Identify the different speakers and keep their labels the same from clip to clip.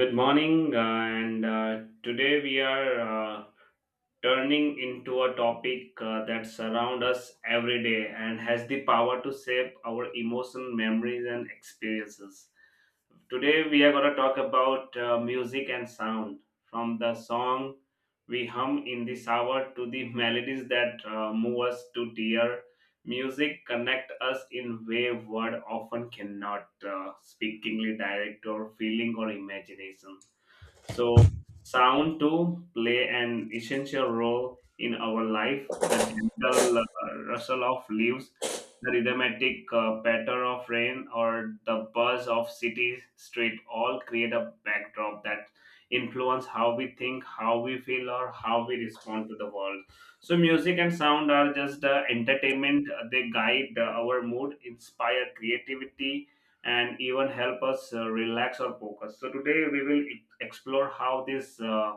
Speaker 1: Good morning, and today we are turning into a topic that surrounds us every day and has the power to shape our emotion, memories, and experiences. Today we are going to talk about music and sound, from the song we hum in the shower to the melodies that move us to tear. Music connect us in way word often cannot, speakingly direct or feeling or imagination so, sound to play an essential role in our life. The gentle rustle of leaves, the rhythmic patter of rain, or the buzz of city street all create a backdrop that influence how we think, how we feel, or how we respond to the world. So, music and sound are just entertainment. They guide our mood, inspire creativity and even help us relax or focus. So today we will explore how these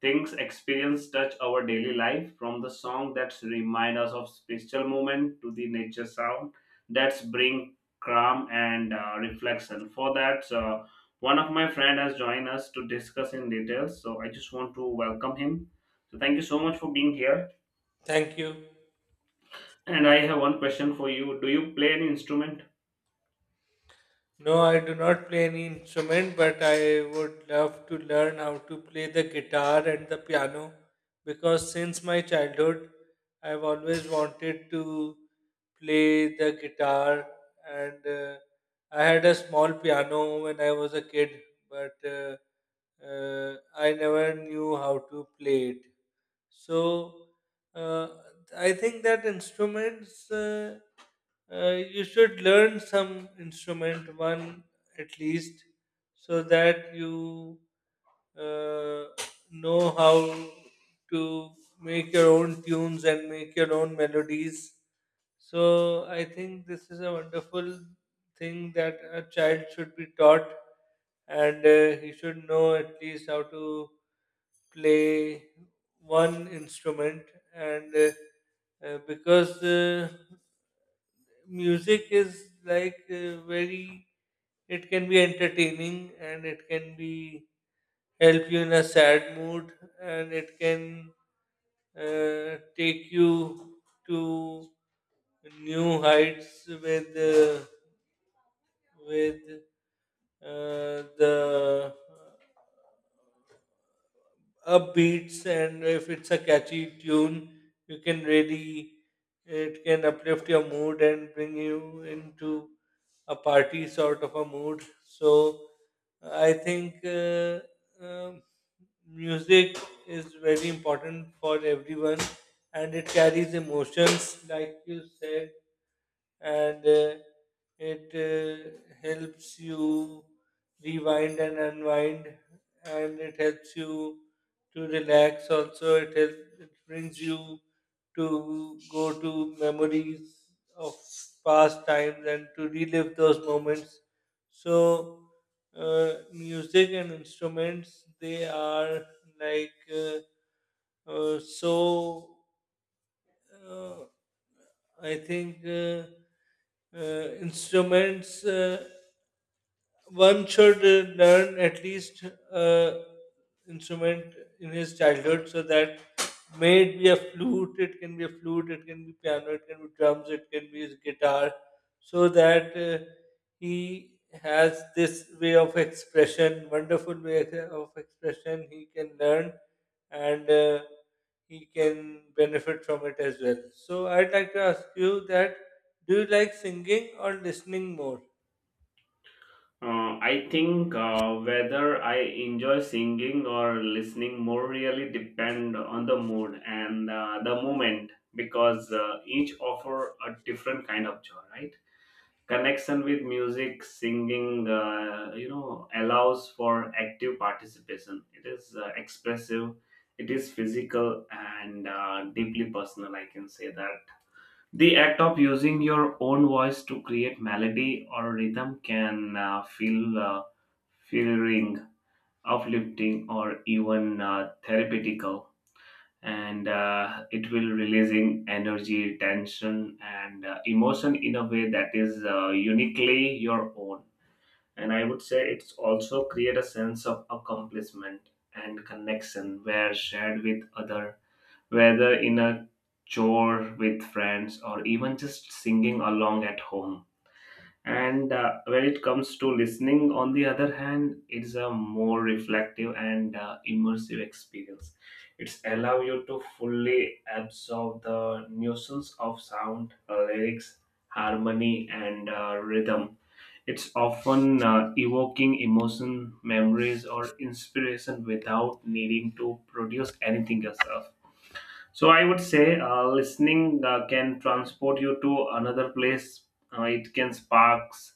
Speaker 1: things experience touch our daily life from the song that remind us of spiritual moment to the nature sound that's bring calm and reflection. For that, one of my friend has joined us to discuss in details. So I just want to welcome him. So thank you so much for being here.
Speaker 2: Thank you.
Speaker 1: And I have one question for you. Do you play any instrument?
Speaker 2: No, I do not play any instrument, but I would love to learn how to play the guitar and the piano because since my childhood, I've always wanted to play the guitar, and I had a small piano when I was a kid, but I never knew how to play it. So uh, I think that instruments you should learn some instrument one at least so that you uh, know how to make your own tunes and make your own melodies, so I think this is a wonderful thing that a child should be taught, and he should know at least how to play one instrument. And because music is like it can be entertaining and it can be help you in a sad mood, and it can take you to new heights with with the upbeats, and if it's a catchy tune you can really it can uplift your mood and bring you into a party sort of a mood. So I think um music is very important for everyone, and it carries emotions like you said, and it helps you rewind and unwind, and it helps you to relax. Also it helps it brings you to go to memories of past times and to relive those moments. So music and instruments, they are like so uh, I think instruments one should learn at least uh, instrument in his childhood, so that may it be a flute, it can be a flute, it can be piano, it can be drums, it can be his guitar, so that he has this way of expression, wonderful way of expression he can learn, and he can benefit from it as well. So I'd like to ask you that, do you like singing or listening more?
Speaker 1: I think whether I enjoy singing or listening more really depend on the mood and the moment because each offer a different kind of joy, right? Connection with music, singing, allows for active participation. It is expressive, it is physical, and deeply personal. I can say that the act of using your own voice to create melody or rhythm can feel feeling uplifting, or even therapeutical, and it will releasing energy, tension, and emotion in a way that is uniquely your own. And I would say it's also create a sense of accomplishment and connection where shared with other whether in a chore with friends or even just singing along at home. And when it comes to listening, on the other hand, it's a more reflective and immersive experience. It's allow you to fully absorb the nuisance of sound, lyrics, harmony, and rhythm. It's often evoking emotion, memories, or inspiration without needing to produce anything yourself so I would say listening can transport you to another place. It can sparks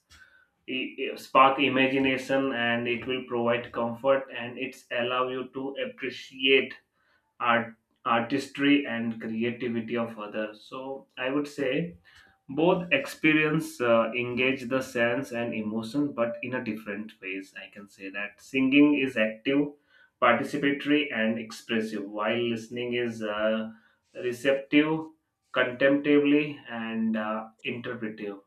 Speaker 1: spark imagination and it will provide comfort and it's allow you to appreciate art artistry and creativity of others, so I would say both experience engage the sense and emotion but in a different ways. I can say that singing is active, participatory, and expressive, while listening is receptive, contemplatively, and interpretive,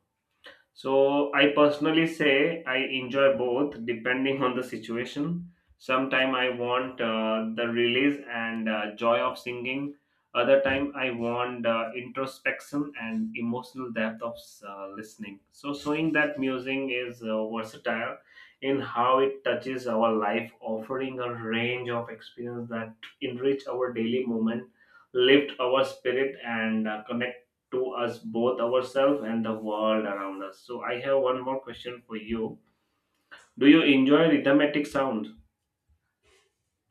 Speaker 1: so I personally say I enjoy both depending on the situation. Sometime I want the release and joy of singing. Other time I want introspection and emotional depth of listening. So showing that music is versatile in how it touches our life, offering a range of experience that enrich our daily moment, lift our spirit, and connect to us both ourselves and the world around us. So I have one more question for you. Do you enjoy rhythmic sounds?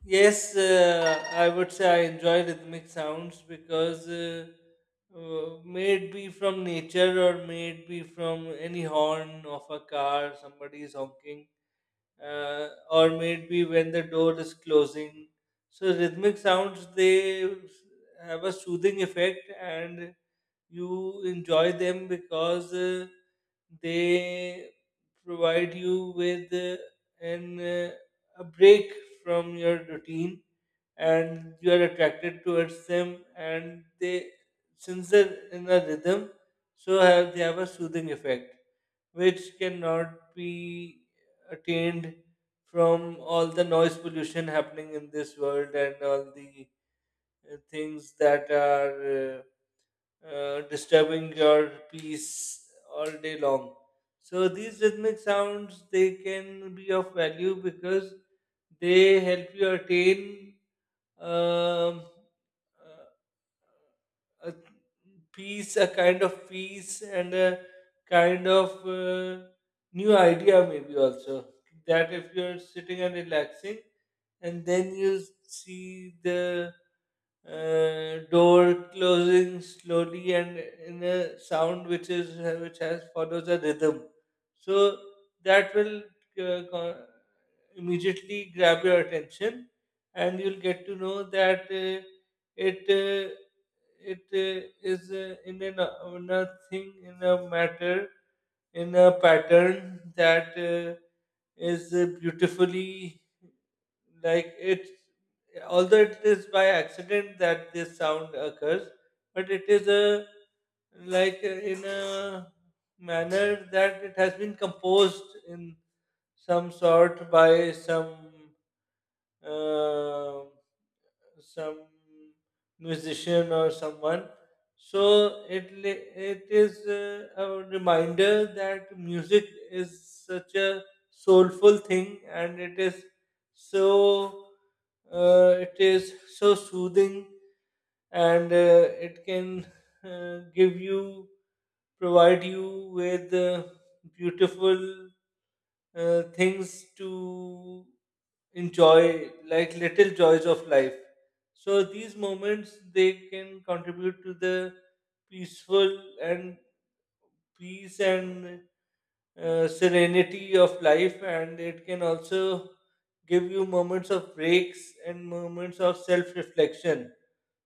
Speaker 2: Yes, I would say I enjoy rhythmic sounds because may it be from nature or may it be from any horn of a car, somebody is honking, or maybe when the door is closing. So rhythmic sounds, they have a soothing effect, and you enjoy them because they provide you with an a break from your routine, and you are attracted towards them, and they, since they're in a rhythm, so have they have a soothing effect which cannot be attained from all the noise pollution happening in this world and all the things that are disturbing your peace all day long. So these rhythmic sounds, they can be of value because they help you attain um, uh, a peace, a kind of peace, and a kind of new idea, maybe also. That if you're sitting and relaxing, and then you see the door closing slowly and in a sound which is which has follows a rhythm, so that will uh, co- immediately grab your attention, and you'll get to know that it. Uh, it is in a thing in a matter in a pattern that is beautifully like it, although it is by accident that this sound occurs, but it is a like uh, in a manner that it has been composed in some sort by um some musician or someone. So it it is a reminder that music is such a soulful thing, and so it is so soothing, and it can give you provide you with beautiful things to enjoy, like little joys of life. So these moments, they can contribute to the peaceful and peace and serenity of life, and it can also give you moments of breaks and moments of self reflection.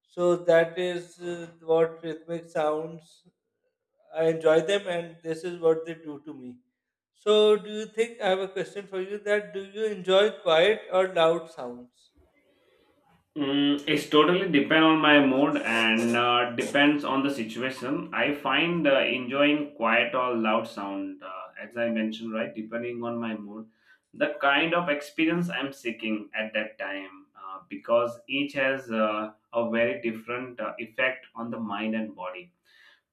Speaker 2: So that is what rhythmic sounds. I enjoy them, and this is what they do to me. So, do you think I have a question for you? That do you enjoy quiet or loud sounds?
Speaker 1: Mm, it's totally depend on my mood and depends on the situation. I find enjoying quiet or loud sound, as I mentioned, right, depending on my mood, the kind of experience I'm seeking at that time, because each has a very different effect on the mind and body.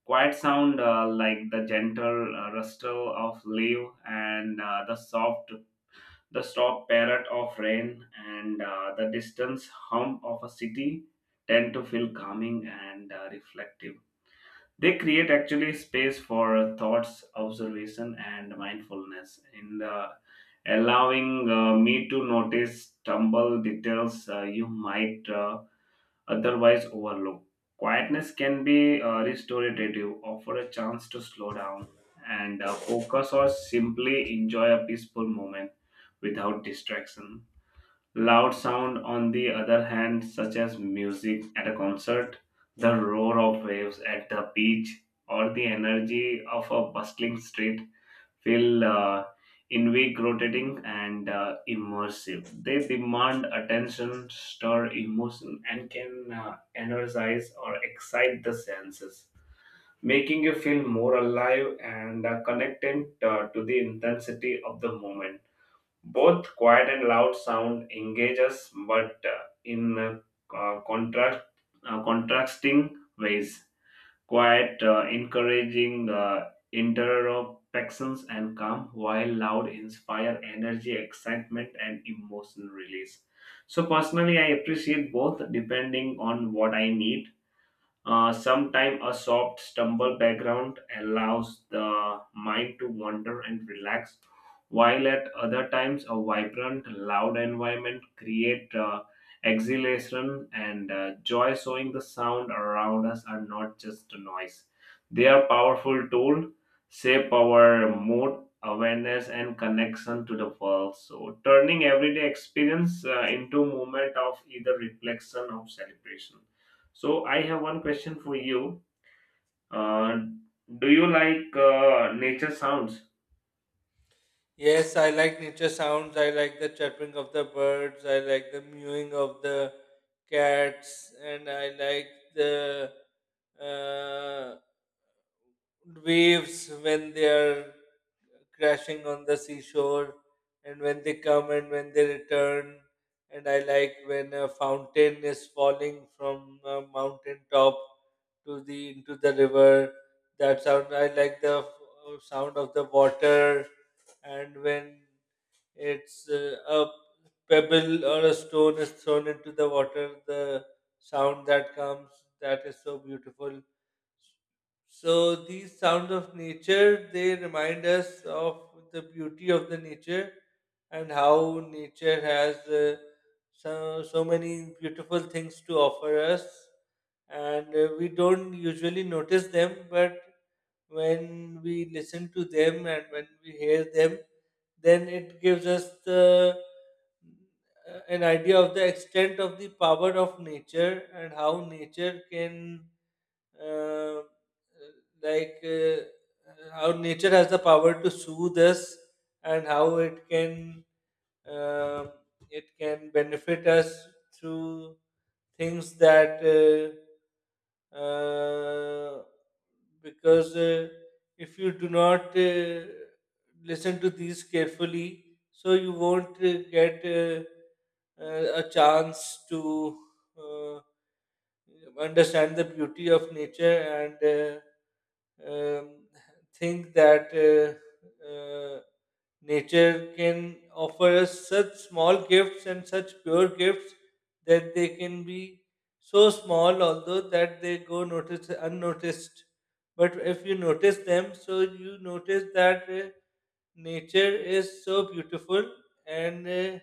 Speaker 1: Quiet sound like the gentle rustle of leaf and the soft, the stop parrot of rain, and the distance hum of a city tend to feel calming and reflective. They create actually space for thoughts, observation, and mindfulness in the, allowing me to notice tumble details you might otherwise overlook. Quietness can be restorative, offer a chance to slow down and focus or simply enjoy a peaceful moment without distraction. Loud sound, on the other hand, such as music at a concert, the roar of waves at the beach, or the energy of a bustling street, feel invig rotating and immersive. They demand attention, stir emotion, and can energize or excite the senses, making you feel more alive and connected to the intensity of the moment. Both quiet and loud sound engage us, but in contrasting ways, quiet, encouraging interactions and calm, while loud inspire energy, excitement, and emotional release. So personally, I appreciate both depending on what I need. Sometimes a soft stumble background allows the mind to wander and relax, while at other times a vibrant, loud environment create exhilaration and joy. Showing the sound around us are not just a noise; they are powerful tool, shape our mood, awareness, and connection to the world. So, turning everyday experience into moment of either reflection or celebration. So I have one question for you. Uh, do you like nature sounds?
Speaker 2: Yes, I like nature sounds. I like the chirping of the birds. I like the mewing of the cats, and I like the uh, waves when they are crashing on the seashore, and when they come and when they return. And I like when a fountain is falling from a mountain top to the into the river, that sound. I like the sound of the water, and when it's a pebble or a stone is thrown into the water, the sound that comes, that is so beautiful. So these sounds of nature, they remind us of the beauty of the nature and how nature has so so many beautiful things to offer us, and we don't usually notice them. But when we listen to them and when we hear them, then it gives us the an idea of the extent of the power of nature and how nature can uh, like uh, how nature has the power to soothe us, and how uh, it can benefit us through things that uh, because if you do not listen to these carefully, so you won't get a chance to uh, understand the beauty of nature, and uh, um, think that uh, uh, nature can offer us such small gifts and such pure gifts that they can be so small, although that they go notice unnoticed. But if you notice them, so you notice that nature is so beautiful, and uh,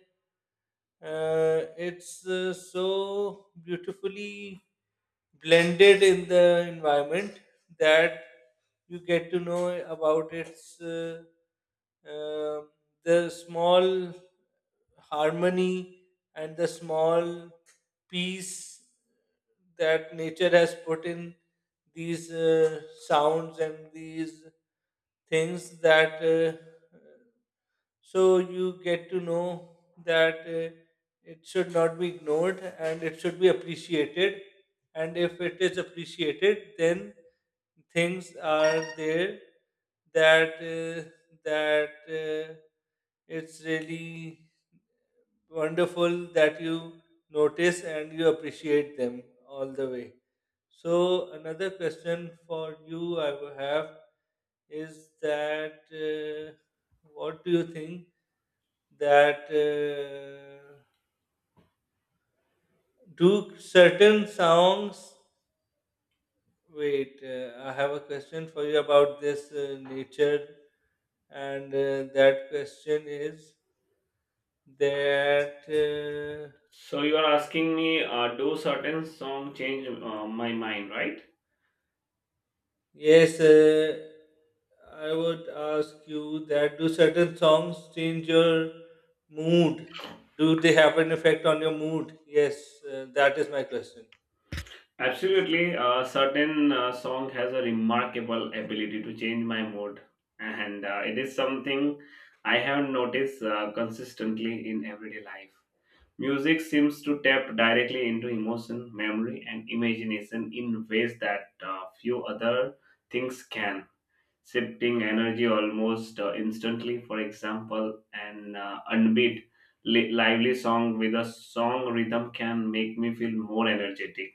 Speaker 2: uh, it's so beautifully blended in the environment, that you get to know about its um the small harmony and the small peace that nature has put in these sounds and these things that so you get to know that it should not be ignored and it should be appreciated. And if it is appreciated, then things are there that that uh, it's really wonderful that you notice and you appreciate them all the way. So another question for you I will have is that what do you think that do certain songs? Wait, I have a question for you about this nature, and that question is that.
Speaker 1: So you are asking me, do certain song change my mind, right?
Speaker 2: Yes, I would ask you that, do certain songs change your mood? Do they have an effect on your mood? Yes, that is my question.
Speaker 1: Absolutely. Certain song has a remarkable ability to change my mood, and it is something I have noticed consistently in everyday life. Music seems to tap directly into emotion, memory, and imagination in ways that few other things can. Shifting energy almost instantly. For example, an unbeat lively song with a song rhythm can make me feel more energetic,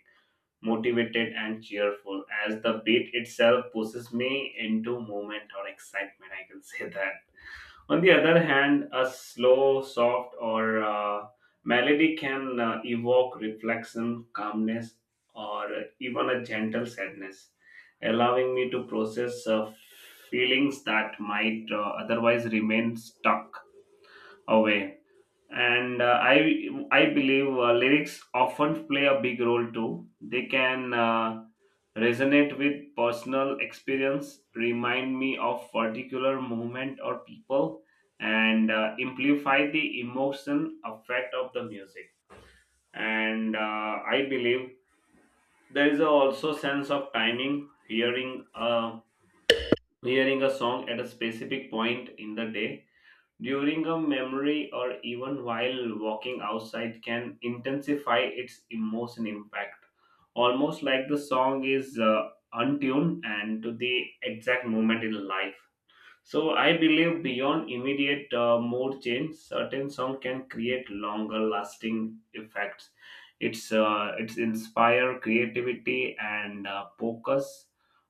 Speaker 1: motivated, and cheerful as the beat itself pushes me into movement or excitement. I can say that. On the other hand, a slow, soft, or melody can evoke reflection, calmness, or even a gentle sadness, allowing me to process feelings that might otherwise remain stuck away, and I believe lyrics often play a big role too. They can resonate with personal experience, remind me of particular movement or people, and amplify the emotion effect of the music, and I believe there is a also sense of timing, hearing a song at a specific point in the day during a memory or even while walking outside can intensify its emotion impact, almost like the song is untuned and to the exact moment in life. So I believe beyond immediate mood change, certain song can create longer lasting effects. It's inspire creativity and focus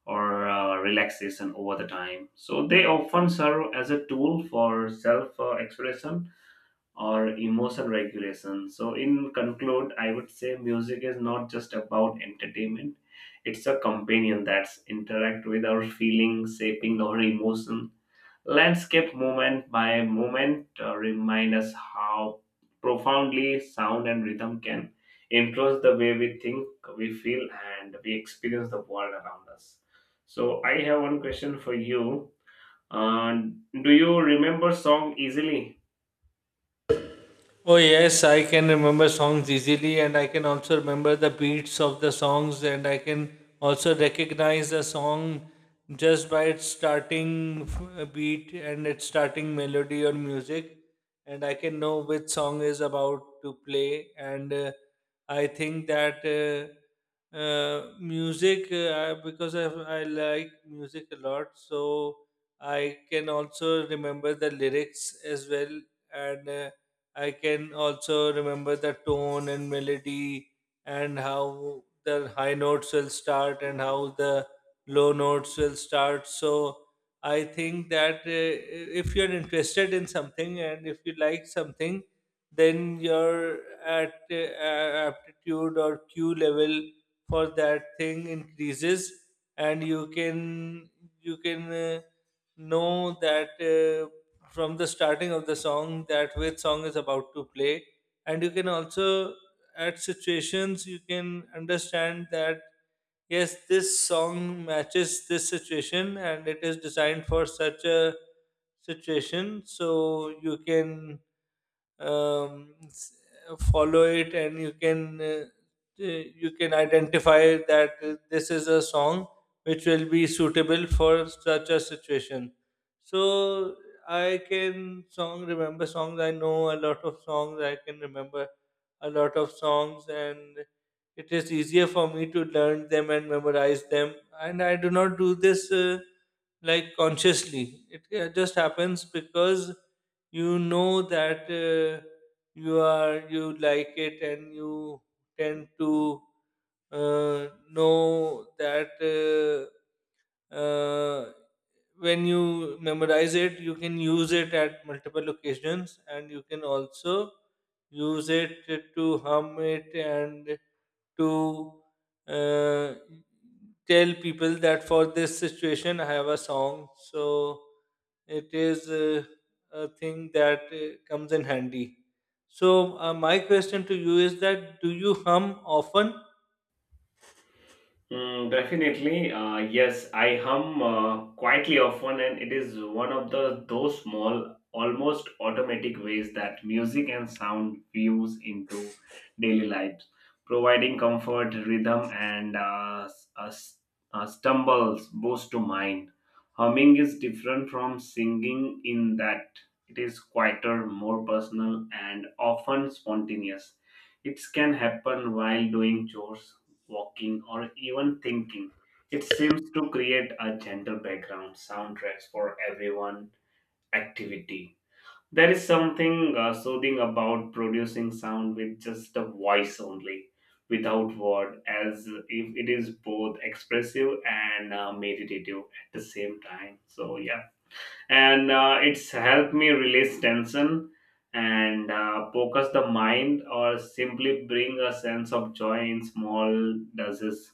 Speaker 1: or relaxation over the time. So they often serve as a tool for self expression or emotion regulation. So in conclude, I would say music is not just about entertainment. It's a companion that's interact with our feelings, shaping our emotion Landscape movement by movement, remind us how profoundly sound and rhythm can influence the way we think, we feel, and we experience the world around us. So I have one question for you. Uh, do you remember song easily?
Speaker 2: Oh yes, I can remember songs easily, and I can also remember the beats of the songs, and I can also recognize the song just by its starting beat and its starting melody or music, and I can know which song is about to play. And I think that music, because I like music a lot, so I can also remember the lyrics as well, and I can also remember the tone and melody and how the high notes will start and how the low notes will start. So I think that if you're interested in something and if you like something, then your at aptitude or Q level for that thing increases, and you can know that from the starting of the song that which song is about to play. And you can also at situations you can understand that yes, this song matches this situation and it is designed for such a situation. So you can um, s- follow it, and you can you can identify that this is a song which will be suitable for such a situation. So I can song remember songs I know a lot of songs. I can remember a lot of songs, and it is easier for me to learn them and memorize them, and I do not do this like consciously. It just happens because you know that you are you like it, and you tend to know that uh, when you memorize it, you can use it at multiple occasions, and you can also use it to hum it and to uh, tell people that for this situation I have a song. So it is a thing that comes in handy. So my question to you is that, do you hum often?
Speaker 1: Mm, definitely, yes, I hum quietly often, and it is one of the those small, almost automatic ways that music and sound fuse into daily lives, providing comfort, rhythm, and stumbles boost to mind. Humming is different from singing in that it is quieter, more personal, and often spontaneous. It can happen while doing chores, walking, or even thinking. It seems to create a gentle background soundtracks for everyone activity. There is something soothing about producing sound with just a voice only, without word, as if it is both expressive and meditative at the same time. So yeah, and it's helped me release tension and focus the mind or simply bring a sense of joy in small doses.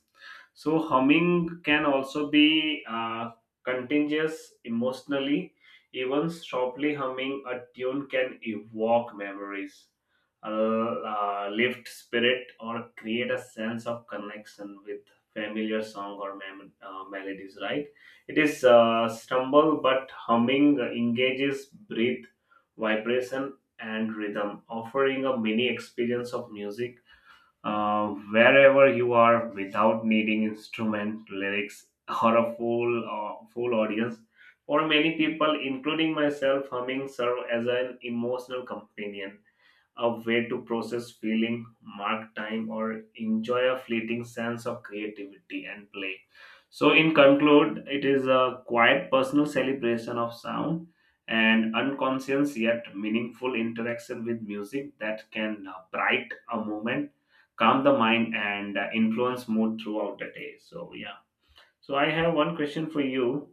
Speaker 1: So humming can also be contagious emotionally. Even softly humming a tune can evoke memories, lift spirit or create a sense of connection with familiar song or melodies, right? It is stumble, but humming engages breath, vibration, and rhythm, offering a mini experience of music wherever you are without needing instrument, lyrics, or a full audience. For many people, including myself, humming serves as an emotional companion, a way to process feeling, mark time, or enjoy a fleeting sense of creativity and play. So, in conclude, it is a quiet personal celebration of sound and unconscious yet meaningful interaction with music that can bright a moment, calm the mind, and influence mood throughout the day. So, yeah. So, I have one question for you.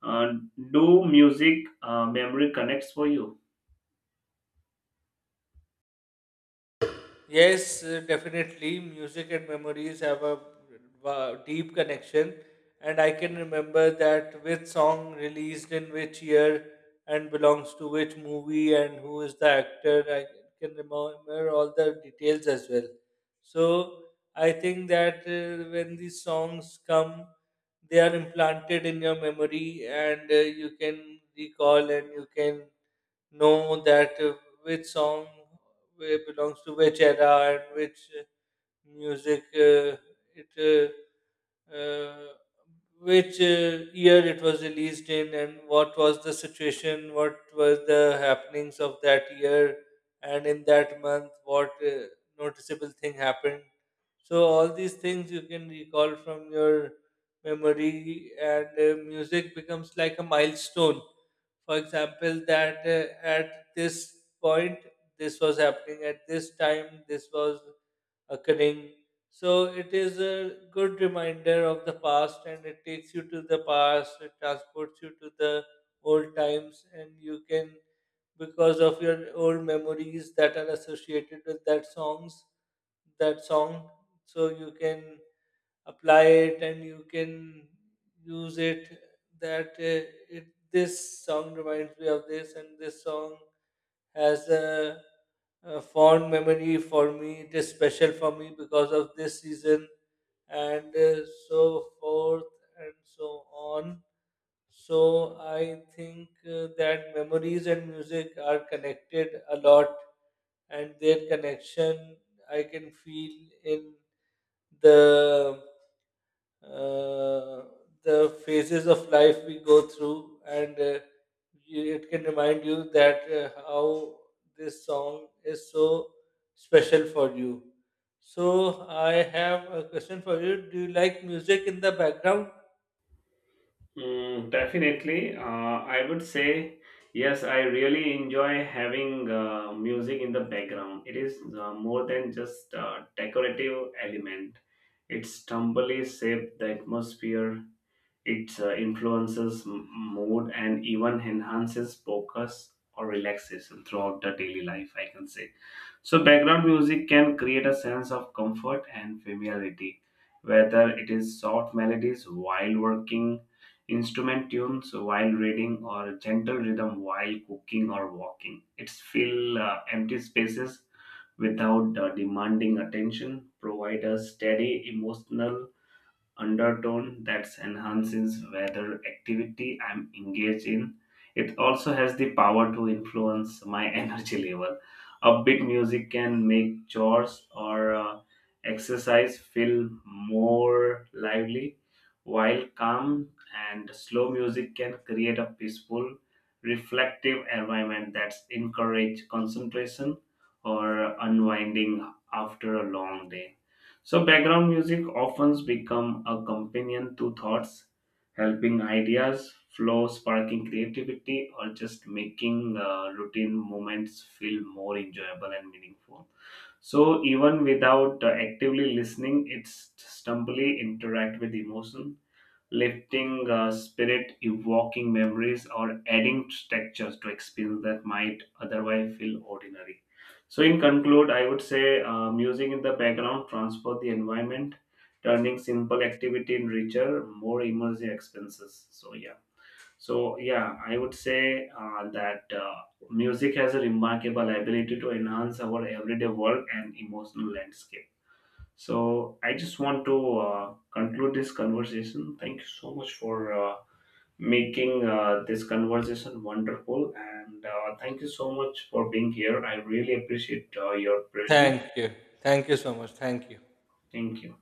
Speaker 1: Uh, do music memory connects for you?
Speaker 2: Yes, definitely. Music and memories have a deep connection, and I can remember that which song released in which year and belongs to which movie and who is the actor. I can remember all the details as well. So I think that when these songs come, they are implanted in your memory, and you can recall and you can know that which song belongs to which era and which music it uh, which year it was released in, and what was the situation, what were the happenings of that year, and in that month what noticeable thing happened. So all these things you can recall from your memory, and music becomes like a milestone. For example, that at this point this was happening, at this time this was occurring. So it is a good reminder of the past, and it takes you to the past, it transports you to the old times, and you can, because of your old memories that are associated with that songs, that song, so you can apply it, and you can use it, that it, this song reminds me of this, and this song has a fond memory for me, it is special for me because of this season, and so forth and so on. So I think that memories and music are connected a lot, and their connection I can feel in the uh, the phases of life we go through, and you, it can remind you that how this song is so special for you. So, I have a question for you. Do you like music in the background?
Speaker 1: Mm, definitely. I would say yes, I really enjoy having music in the background. It is more than just a decorative element. Its tumblely shape the atmosphere, it influences mood and even enhances focus or relaxation throughout the daily life, I can say. So, background music can create a sense of comfort and familiarity, whether it is soft melodies while working, instrument tunes while reading, or gentle rhythm while cooking or walking. It's fill empty spaces without demanding attention, provide a steady emotional undertone that enhances whether activity I'm engaged in. It also has the power to influence my energy level. Upbeat music can make chores or exercise feel more lively, while calm and slow music can create a peaceful, reflective environment that encourages concentration or unwinding after a long day. So background music often become a companion to thoughts, helping ideas flow, sparking creativity, or just making routine moments feel more enjoyable and meaningful. So even without actively listening, it's stumbly interact with emotion, lifting spirit, evoking memories, or adding textures to experience that might otherwise feel ordinary. So, in conclude, I would say music in the background transport the environment, turning simple activity in richer, more immersive experiences. So, yeah. So, yeah, I would say that music has a remarkable ability to enhance our everyday work and emotional landscape. So I just want to conclude this conversation. Thank you so much for making this conversation wonderful, and thank you so much for being here. I really appreciate your presence.
Speaker 2: Thank you. Thank you so much. Thank you.
Speaker 1: Thank you.